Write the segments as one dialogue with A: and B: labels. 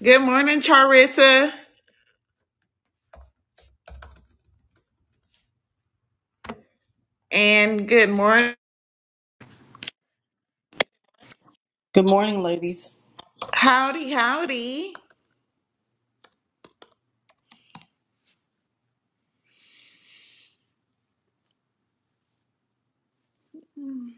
A: Good morning, Charissa, and good morning.
B: Good morning, ladies.
A: Howdy, howdy. Mhm.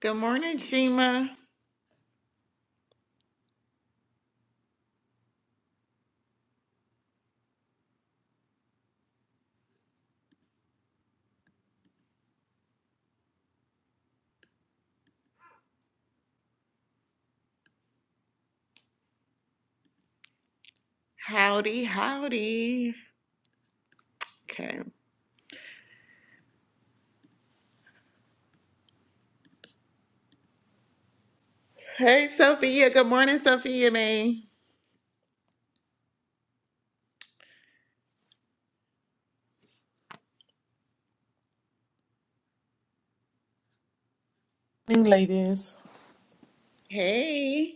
A: Good morning, Shima. Howdy, howdy. Okay. Hey, Sophia. Good morning, Sophia May.
C: Morning, ladies.
A: Hey,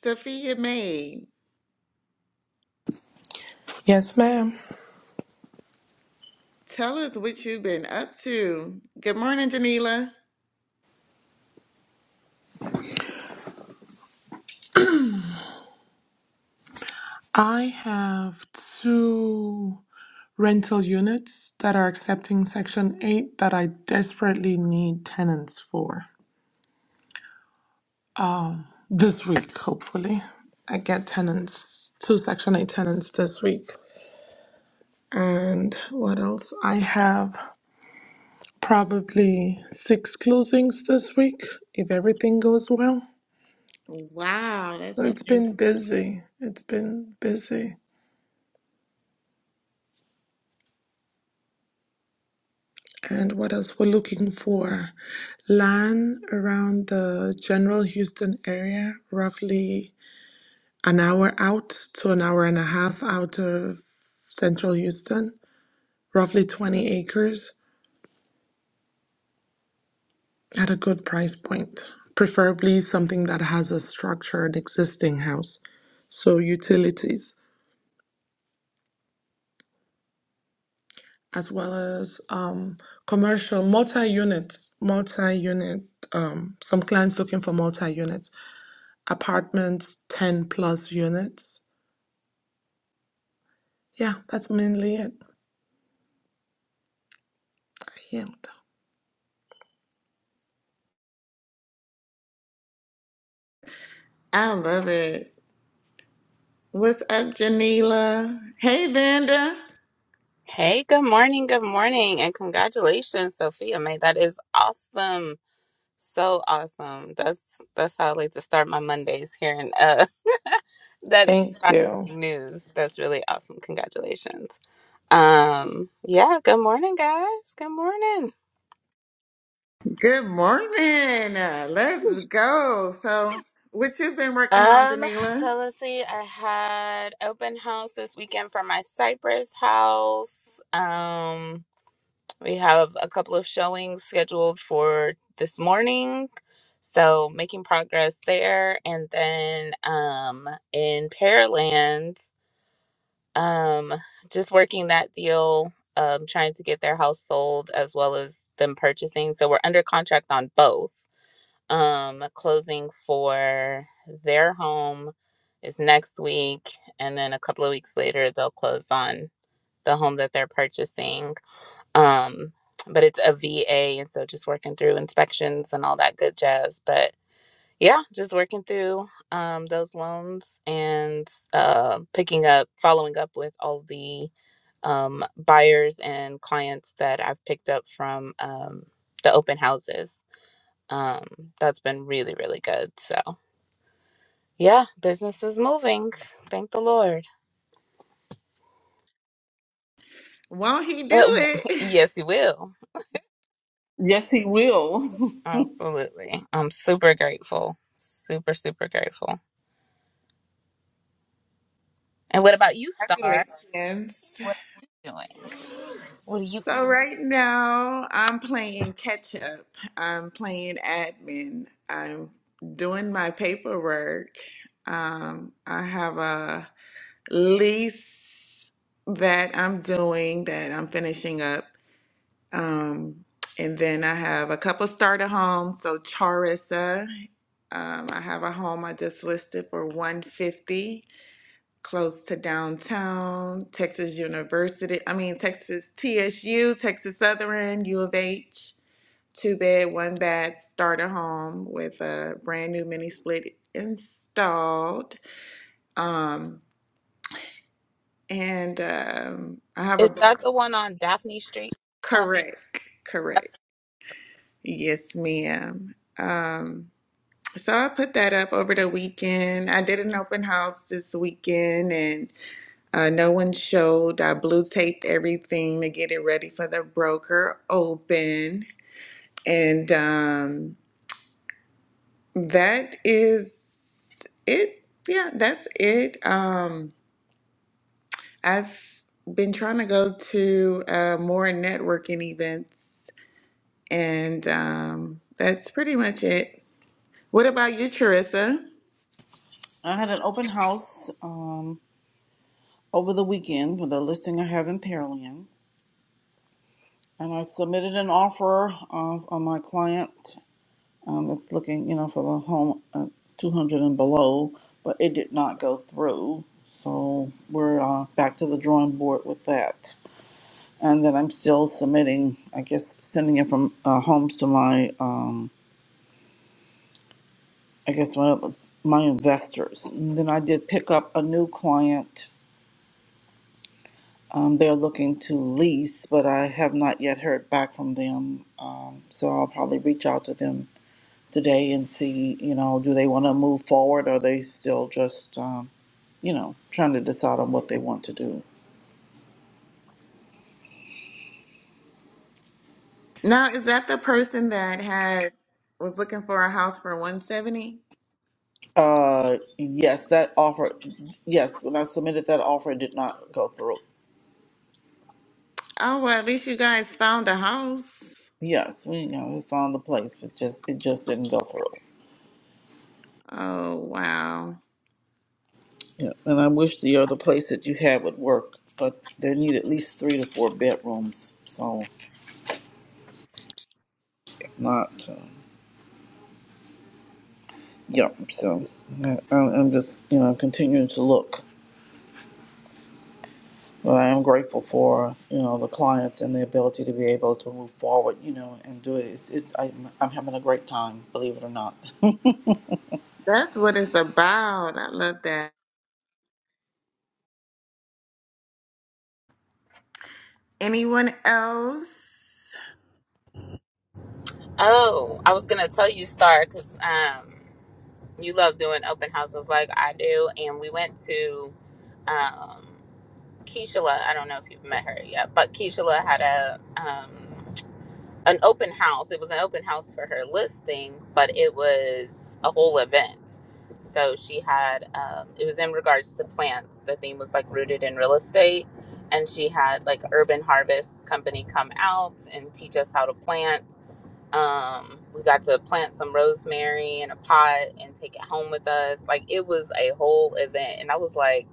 A: Sophia May.
C: Yes, ma'am.
A: Tell us what you've been up to. Good morning, Janila.
C: I have two rental units that are accepting Section 8 that I desperately need tenants for this week, hopefully. I get tenants, two Section 8 tenants this week. And what else? I have probably six closings this week if everything goes well.
A: Wow, that's
C: So it's
A: amazing.
C: been busy. It's been busy. And what else? We're looking for land around the general Houston area, roughly an hour out to an hour and a half out of central Houston, roughly 20 acres at a good price point. Preferably something that has a structured existing house, so utilities, as well as um, commercial multi units, multi unit. Um, some clients looking for multi units apartments, 10 plus units. Yeah, that's mainly it. Yield.
A: I love it. What's up, Janila? Hey, Vanda.
D: Hey, good morning, good morning, and congratulations, Sophia May. That is awesome. So awesome. That's that's how I like to start my Mondays hearing uh that
C: Thank
D: inspiring
C: you.
D: news. That's really awesome. Congratulations. Um yeah, good morning guys. Good morning.
A: Good morning. Uh, Let's go. So, what you've been working on,
D: Um
A: Janila?
D: so let's see. I had open house this weekend for my Cypress house. Um We have a couple of showings scheduled for this morning. So making progress there. And then um in Pearland, um, just working that deal, um, trying to get their house sold as well as them purchasing. So we're under contract on both. Um, closing for their home is next week, and then a couple of weeks later they'll close on the home that they're purchasing um but it's a VA and so just working through inspections and all that good jazz but yeah just working through um those loans and uh picking up following up with all the um buyers and clients that I've picked up from um the open houses um that's been really really good so yeah business is moving thank the lord
A: Won't he do
D: Uh, w-
A: it?
D: yes it will
B: Yes, he will.
D: absolutely I'm super grateful super super grateful And what about you, Star?
A: Congratulations.
D: What are you doing? What are you?
A: So, right now, I'm playing catch up. I'm playing admin. I'm doing my paperwork. Um, I have a lease that I'm doing that I'm finishing up. Um, and then I have a couple starter homes. So, Charissa. Um, I have a home I just listed for 150 close to downtown, Texas University, I mean Texas TSU, Texas Southern, U of H, two bed, one bath starter home with a brand new mini split installed. Um, and um, I have a
D: Is that the one on Daphne Street? Um,
A: correct, correct. Yes, ma'am. Um, so I put that up over the weekend. I did an open house this weekend and Uh, no one showed. I blue taped everything to get it ready for the broker open. And um, that is it. Yeah, that's it. Um, I've been trying to go to uh, more networking events, and um, that's pretty much it. What about you, Charissa?
B: I had an open house um, over the weekend with a listing I have in Pearland, and I submitted an offer uh, on my client um, that's looking, you know, for a home uh, 200 and below, but it did not go through. So we're uh, back to the drawing board with that. And then I'm still submitting, I guess, sending in from uh, homes to my, um, I guess, my, my investors. And then I did pick up a new client Um, they're looking to lease, but I have not yet heard back from them. Um, so I'll probably reach out to them today and see, you know, do they want to move forward or are they still just, um, you know, trying to decide on what they want to do?
A: Now, is that the person that had was looking for a house for 170?
B: Uh, yes, that offer, yes, when I submitted that offer, it did not go through.
A: Oh, well, at least you guys found a house.
B: Yes, we, you know, we found the place, but just it just didn't go through.
A: Oh, wow.
B: Yeah, and I wish the other place that you had would work, but they need at least three to four bedrooms. So if not. uh, yeah, so I- I'm, I'm just, you know, continuing to look. But I am grateful for, you know, the clients and the ability to be able to move forward, you know, and do it. It's, it's I, I'm, I'm having a great time, believe it or not.
A: That's what it's about. I love that. Anyone else?
D: oh, I was gonna tell you, Star, because um, you love doing open houses like I do, and we went to um, Keishla. I don't know if you've met her yet, but Keishla had a um an open house. It was an open house for her listing, but it was a whole event. So she had, um, it was in regards to plants. The theme was like rooted in real estate. And she had like Urban Harvest Company come out and teach us how to plant. Um, we got to plant some rosemary in a pot and take it home with us. Like it was a whole event. And I was like,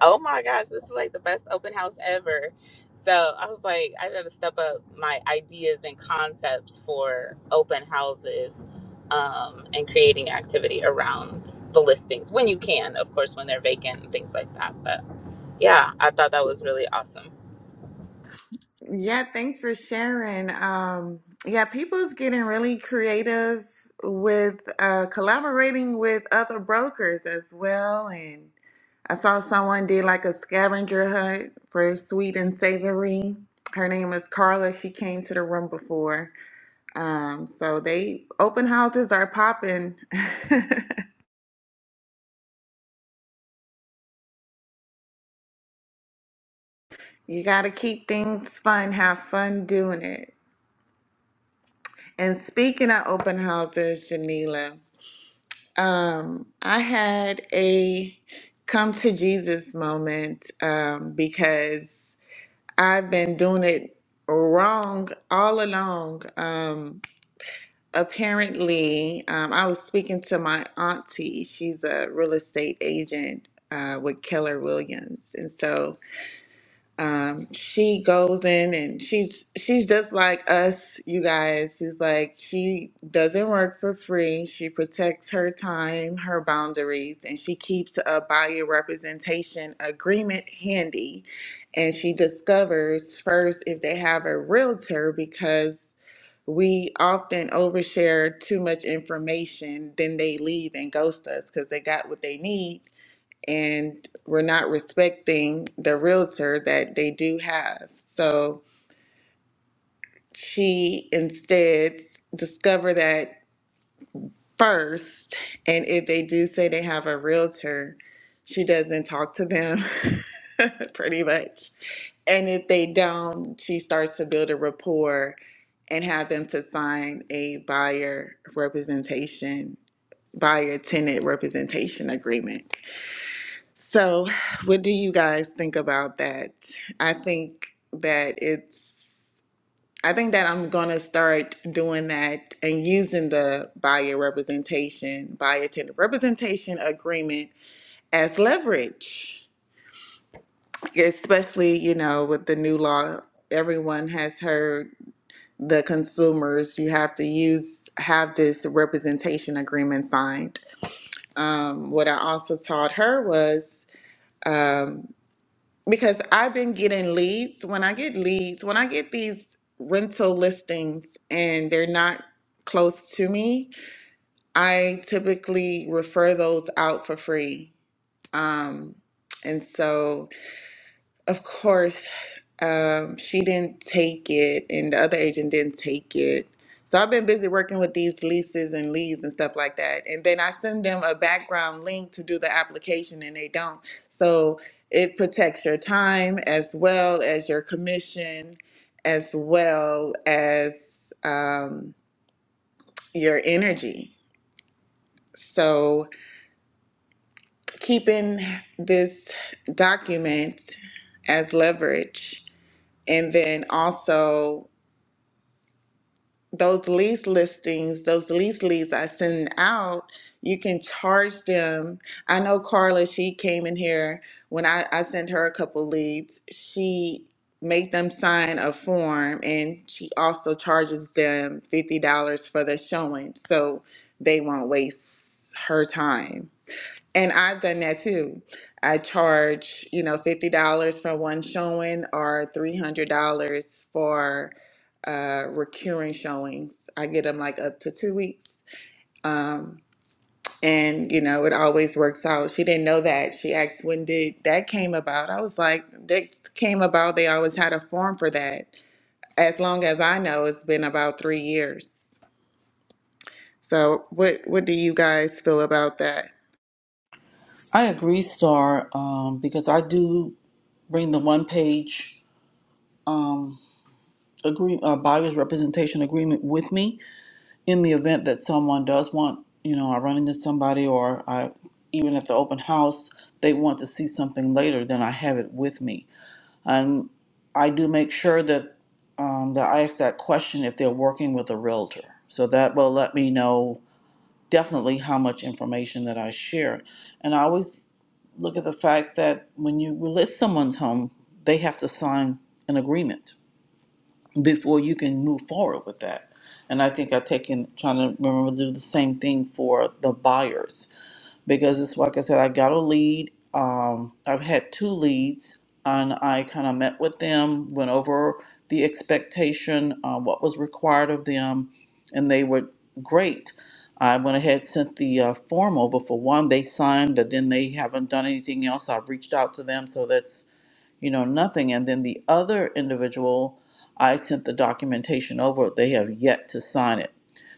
D: oh my gosh, this is like the best open house ever. So I was like, I gotta step up my ideas and concepts for open houses um, and creating activity around the listings when you can, of course, when they're vacant and things like that. But yeah, I thought that was really awesome.
A: Yeah, thanks for sharing. Um, yeah, people's getting really creative with uh, collaborating with other brokers as well. And I saw someone did like a scavenger hunt for sweet and savory. Her name is Carla. She came to the room before. Um, so they open houses are popping. You got to keep things fun, have fun doing it. And speaking of open houses, Janila, um, I had a come to Jesus moment um, because I've been doing it wrong all along. Um, apparently, um, I was speaking to my auntie. She's a real estate agent uh, with Keller Williams. And so um, she goes in and she's she's just like us, you guys. She's like she doesn't work for free. She protects her time, her boundaries, and she keeps a buyer representation agreement handy. And she discovers first if they have a realtor because we often overshare too much information, then they leave and ghost us because they got what they need and we're not respecting the realtor that they do have. So she instead discover that first, and if they do say they have a realtor, she doesn't talk to them pretty much. And if they don't, she starts to build a rapport and have them to sign a buyer representation, buyer tenant representation agreement. So, what do you guys think about that? I think that it's, I think that I'm going to start doing that and using the buyer representation, buyer tenant representation agreement as leverage, especially, you know, with the new law. Everyone has heard the consumers, you have to use, have this representation agreement signed. Um, what I also taught her was, um, because I've been getting leads. When I get leads, when I get these rental listings and they're not close to me, I typically refer those out for free. Um, and so, of course, um, she didn't take it, and the other agent didn't take it. So I've been busy working with these leases and leads and stuff like that. And then I send them a background link to do the application, and they don't. So it protects your time as well as your commission, as well as um, your energy. So keeping this document as leverage, and then also those lease listings, those lease leads I send out, you can charge them. I know Carla, she came in here when I, I sent her a couple leads. She made them sign a form and she also charges them $50 for the showing so they won't waste her time. And I've done that too. I charge, you know, $50 for one showing or $300 for uh, recurring showings. I get them like up to two weeks. Um, and, you know, it always works out. She didn't know that. She asked, when did that came about? I was like, that came about. They always had a form for that. As long as I know, it's been about three years. So what, what do you guys feel about that?
B: I agree, Star, um, because I do bring the one page um, agree, uh, buyer's representation agreement with me in the event that someone does want, you know, I run into somebody or I, even at the open house, they want to see something later, then I have it with me And I do make sure that, um, that I ask that question if they're working with a realtor. So that will let me know definitely how much information that I share. And I always look at the fact that when you list someone's home, they have to sign an agreement before you can move forward with that. And I think i take in trying to remember to do the same thing for the buyers because it's like I said, I got a lead. Um, I've had two leads, and I kind of met with them, went over the expectation, uh, what was required of them, and they were great. I went ahead, sent the uh, form over for one. They signed, but then they haven't done anything else. I've reached out to them, so that's you know, nothing. And then the other individual, I sent the documentation over, they have yet to sign it.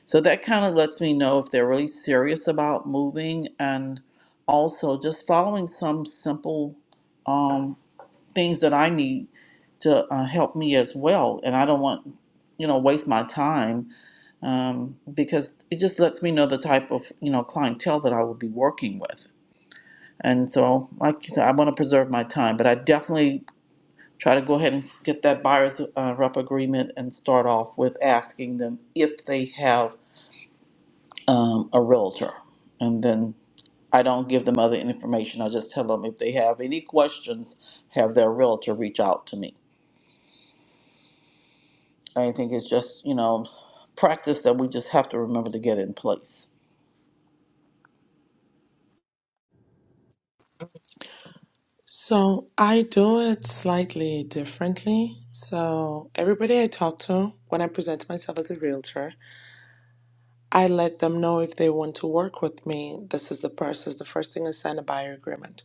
B: So that kind of lets me know if they're really serious about moving and also just following some simple um, things that I need to uh, help me as well. And I don't want, you know, waste my time um, because it just lets me know the type of, you know, clientele that I will be working with. And so, like you said, I want to preserve my time, but I definitely try to go ahead and get that buyer's uh, rep agreement and start off with asking them if they have um, a realtor. And then I don't give them other information. I just tell them if they have any questions, have their realtor reach out to me. I think it's just, you know, practice that we just have to remember to get in place.
C: So I do it slightly differently. So everybody I talk to, when I present myself as a realtor, I let them know if they want to work with me, this is the process. The first thing is sign a buyer agreement.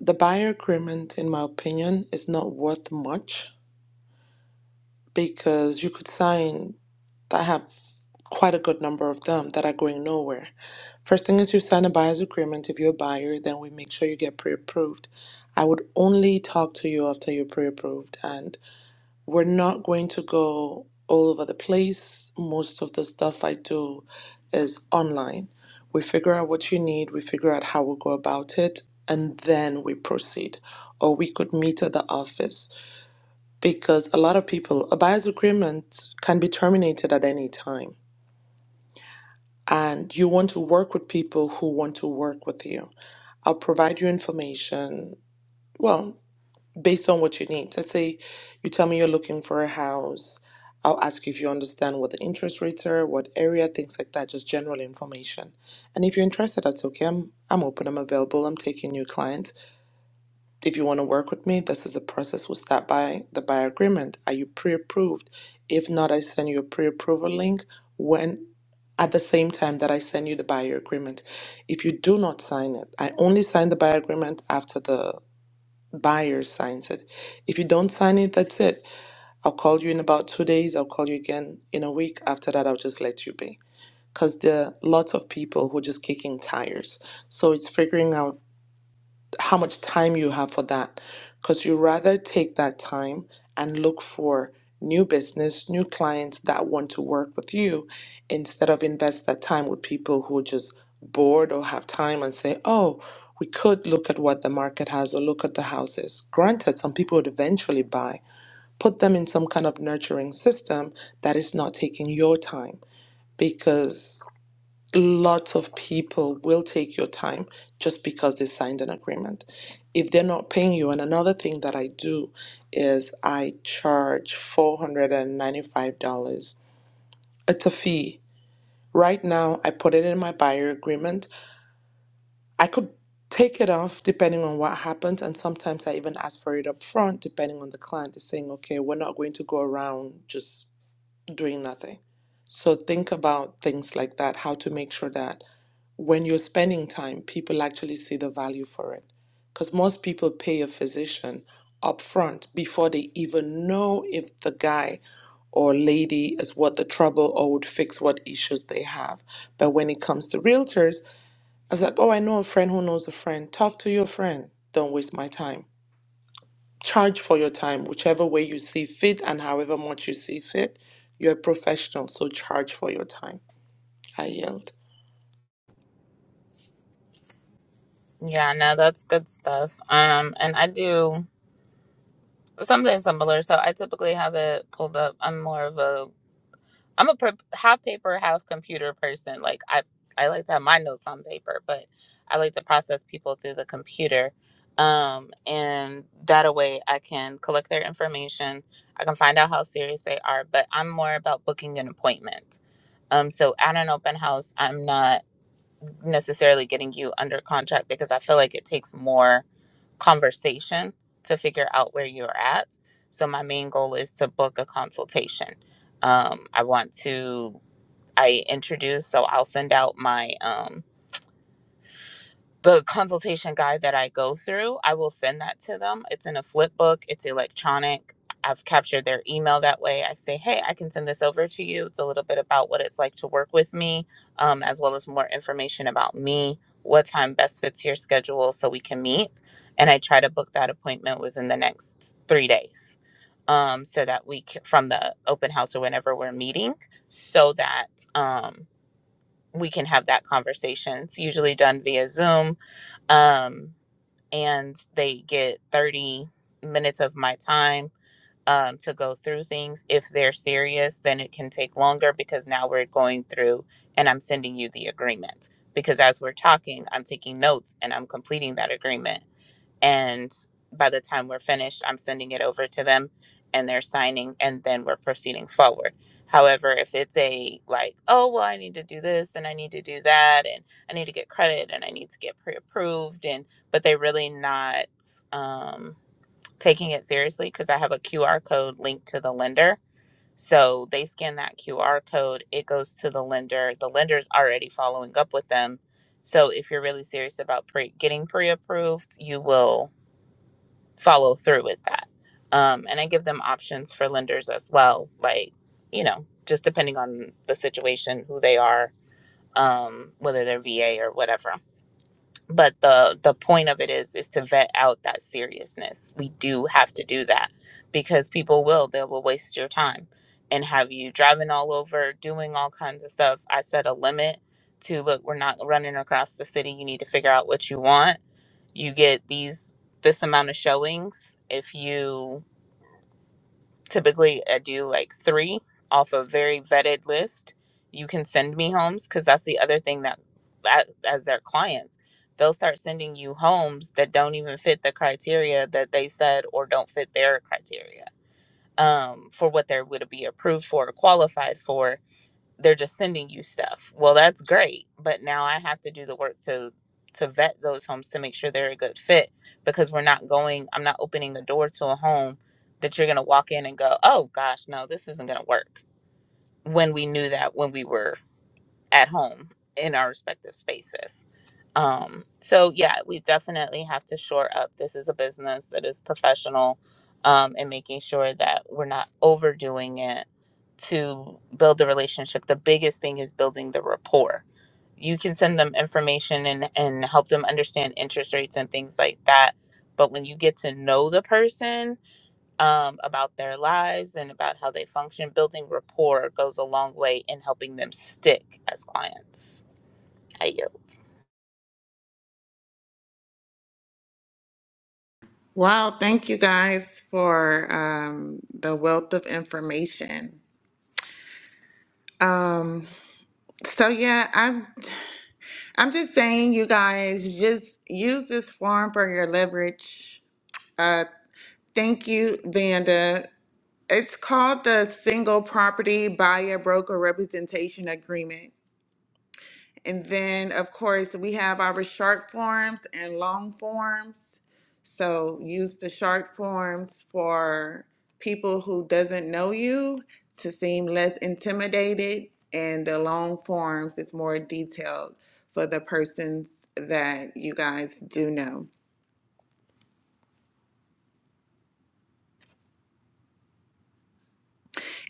C: The buyer agreement, in my opinion, is not worth much because you could sign I have quite a good number of them that are going nowhere. First thing is you sign a buyer's agreement. If you're a buyer, then we make sure you get pre-approved. I would only talk to you after you're pre-approved, and we're not going to go all over the place. Most of the stuff I do is online. We figure out what you need, we figure out how we'll go about it, and then we proceed. Or we could meet at the office because a lot of people, a buyer's agreement can be terminated at any time and you want to work with people who want to work with you. I'll provide you information, well, based on what you need. Let's say you tell me you're looking for a house. I'll ask you if you understand what the interest rates are, what area, things like that, just general information. And if you're interested, that's okay. I'm, I'm open, I'm available, I'm taking new clients. If you want to work with me, this is the process. We'll start by the buyer agreement. Are you pre-approved? If not, I send you a pre-approval link when at the same time that I send you the buyer agreement. If you do not sign it, I only sign the buyer agreement after the buyer signs it. If you don't sign it, that's it. I'll call you in about two days. I'll call you again in a week. After that, I'll just let you be. Because there are lots of people who are just kicking tires. So it's figuring out how much time you have for that because you rather take that time and look for new business new clients that want to work with you instead of invest that time with people who are just bored or have time and say oh we could look at what the market has or look at the houses granted some people would eventually buy put them in some kind of nurturing system that is not taking your time because lots of people will take your time just because they signed an agreement if they're not paying you and another thing that i do is i charge $495 it's a fee right now i put it in my buyer agreement i could take it off depending on what happens and sometimes i even ask for it up front depending on the client is saying okay we're not going to go around just doing nothing so think about things like that how to make sure that when you're spending time, people actually see the value for it. Because most people pay a physician upfront before they even know if the guy or lady is what the trouble or would fix what issues they have. But when it comes to realtors, I was like, oh, I know a friend who knows a friend. Talk to your friend. Don't waste my time. Charge for your time, whichever way you see fit and however much you see fit. You're a professional, so charge for your time. I yelled.
D: Yeah, no, that's good stuff. Um, and I do something similar. So I typically have it pulled up. I'm more of a I'm a per- half paper, half computer person. Like I, I like to have my notes on paper, but I like to process people through the computer. Um, and that a way I can collect their information. I can find out how serious they are, but I'm more about booking an appointment. Um, so at an open house, I'm not necessarily getting you under contract because I feel like it takes more conversation to figure out where you're at. So my main goal is to book a consultation. Um, I want to I introduce. So I'll send out my um the consultation guide that I go through. I will send that to them. It's in a flip book. It's electronic. I've captured their email that way. I say, hey, I can send this over to you. It's a little bit about what it's like to work with me, um, as well as more information about me, what time best fits your schedule so we can meet. And I try to book that appointment within the next three days um, so that we c- from the open house or whenever we're meeting, so that. um, we can have that conversation. It's usually done via Zoom, um, and they get 30 minutes of my time um, to go through things. If they're serious, then it can take longer because now we're going through and I'm sending you the agreement. Because as we're talking, I'm taking notes and I'm completing that agreement and by the time we're finished i'm sending it over to them and they're signing and then we're proceeding forward however if it's a like oh well i need to do this and i need to do that and i need to get credit and i need to get pre-approved and but they're really not um, taking it seriously because i have a qr code linked to the lender so they scan that qr code it goes to the lender the lender's already following up with them so if you're really serious about pre- getting pre-approved you will follow through with that. Um, and I give them options for lenders as well, like, you know, just depending on the situation, who they are, um, whether they're VA or whatever. But the the point of it is is to vet out that seriousness. We do have to do that because people will they will waste your time and have you driving all over, doing all kinds of stuff. I set a limit to look, we're not running across the city. You need to figure out what you want you get these this amount of showings if you typically I do like three off a very vetted list you can send me homes because that's the other thing that, that as their clients they'll start sending you homes that don't even fit the criteria that they said or don't fit their criteria um, for what they would be approved for or qualified for they're just sending you stuff. Well, that's great, but now I have to do the work to to vet those homes to make sure they're a good fit because we're not going I'm not opening the door to a home that you're going to walk in and go, "Oh gosh, no, this isn't going to work." When we knew that when we were at home in our respective spaces. Um so yeah, we definitely have to shore up this is a business that is professional um and making sure that we're not overdoing it to build the relationship the biggest thing is building the rapport you can send them information and and help them understand interest rates and things like that but when you get to know the person um, about their lives and about how they function building rapport goes a long way in helping them stick as clients i yield.
A: Wow, thank you guys for um, the wealth of information. Um, so yeah, I'm I'm just saying you guys just use this form for your leverage. Uh, thank you, Vanda. It's called the single property buyer broker representation agreement. And then, of course, we have our short forms and long forms. So use the short forms for people who doesn't know you to seem less intimidated, and the long forms is more detailed for the persons that you guys do know.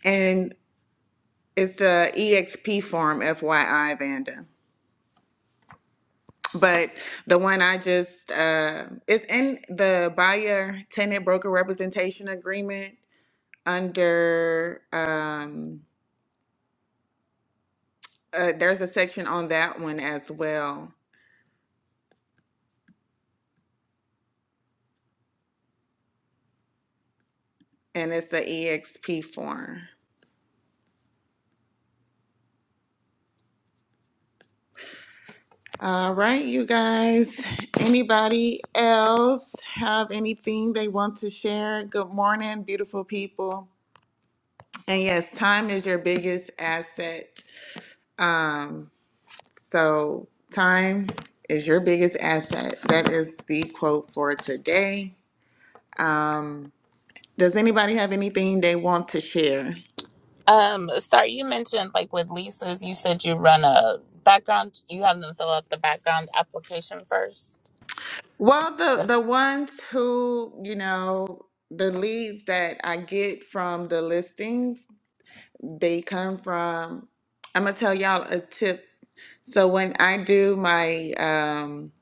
A: And it's a EXP form, FYI, Vanda. But the one I just uh, it's in the buyer tenant broker representation agreement under um uh, there's a section on that one as well and it's the exp form all right you guys anybody else have anything they want to share good morning beautiful people and yes time is your biggest asset um so time is your biggest asset that is the quote for today um does anybody have anything they want to share
D: um star you mentioned like with leases you said you run a background you have them fill out the background application first
A: Well, the the ones who, you know, the leads that I get from the listings, they come from, I'm gonna tell y'all a tip. So when I do my um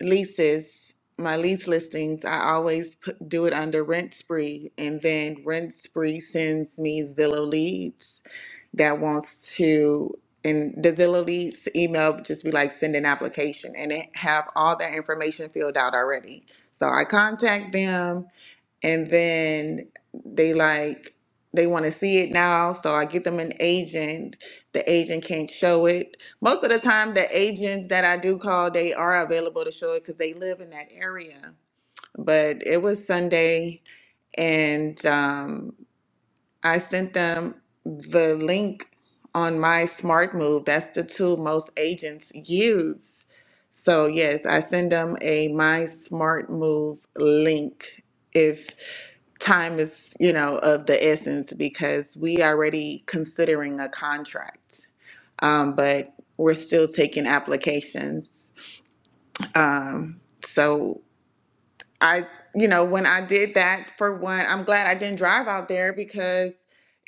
A: leases, my lease listings, I always put, do it under Rent Spree, and then Rent Spree sends me Zillow leads that wants to, and the Zillow leads email would just be like send an application, and it have all that information filled out already. So I contact them and then they like they want to see it now so i get them an agent the agent can't show it most of the time the agents that i do call they are available to show it because they live in that area but it was sunday and um, i sent them the link on my smart move that's the tool most agents use so yes i send them a my smart move link if time is you know of the essence because we already considering a contract um, but we're still taking applications um, so i you know when i did that for one i'm glad i didn't drive out there because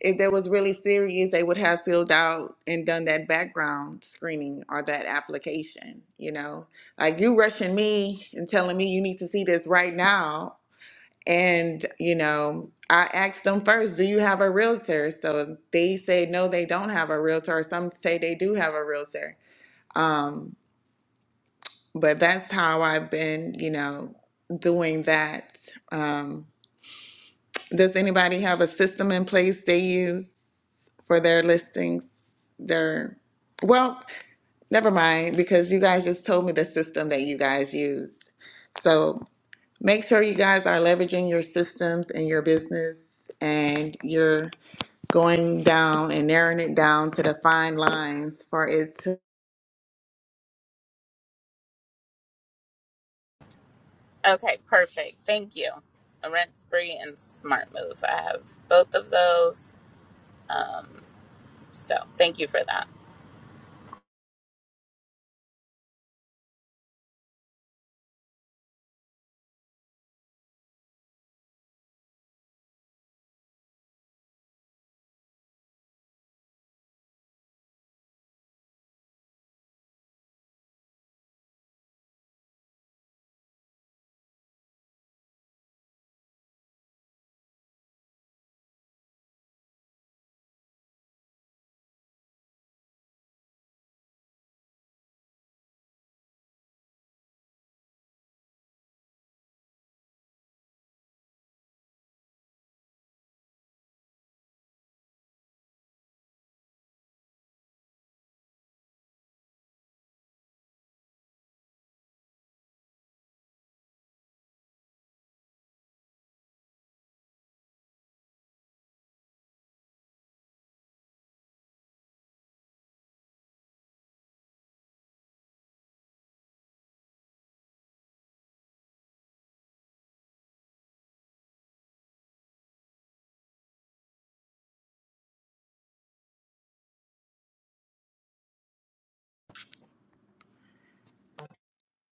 A: if that was really serious they would have filled out and done that background screening or that application you know like you rushing me and telling me you need to see this right now and, you know, I asked them first, do you have a realtor? So they say no, they don't have a realtor. or Some say they do have a realtor. Um, but that's how I've been, you know, doing that. Um, does anybody have a system in place they use for their listings? Their, well, never mind, because you guys just told me the system that you guys use. So. Make sure you guys are leveraging your systems and your business and you're going down and narrowing it down to the fine lines for it to.
D: Okay, perfect. Thank you. A Rent Spree and Smart Move. I have both of those. Um, so thank you for that.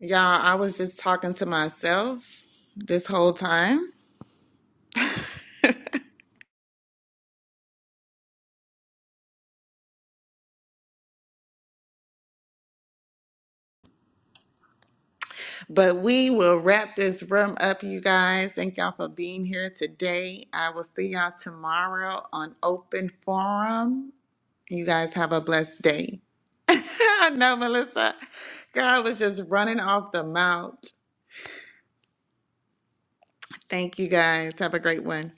A: Y'all, I was just talking to myself this whole time. But we will wrap this room up, you guys. Thank y'all for being here today. I will see y'all tomorrow on Open Forum. You guys have a blessed day. I know, Melissa. Girl, I was just running off the mouth. Thank you guys. Have a great one.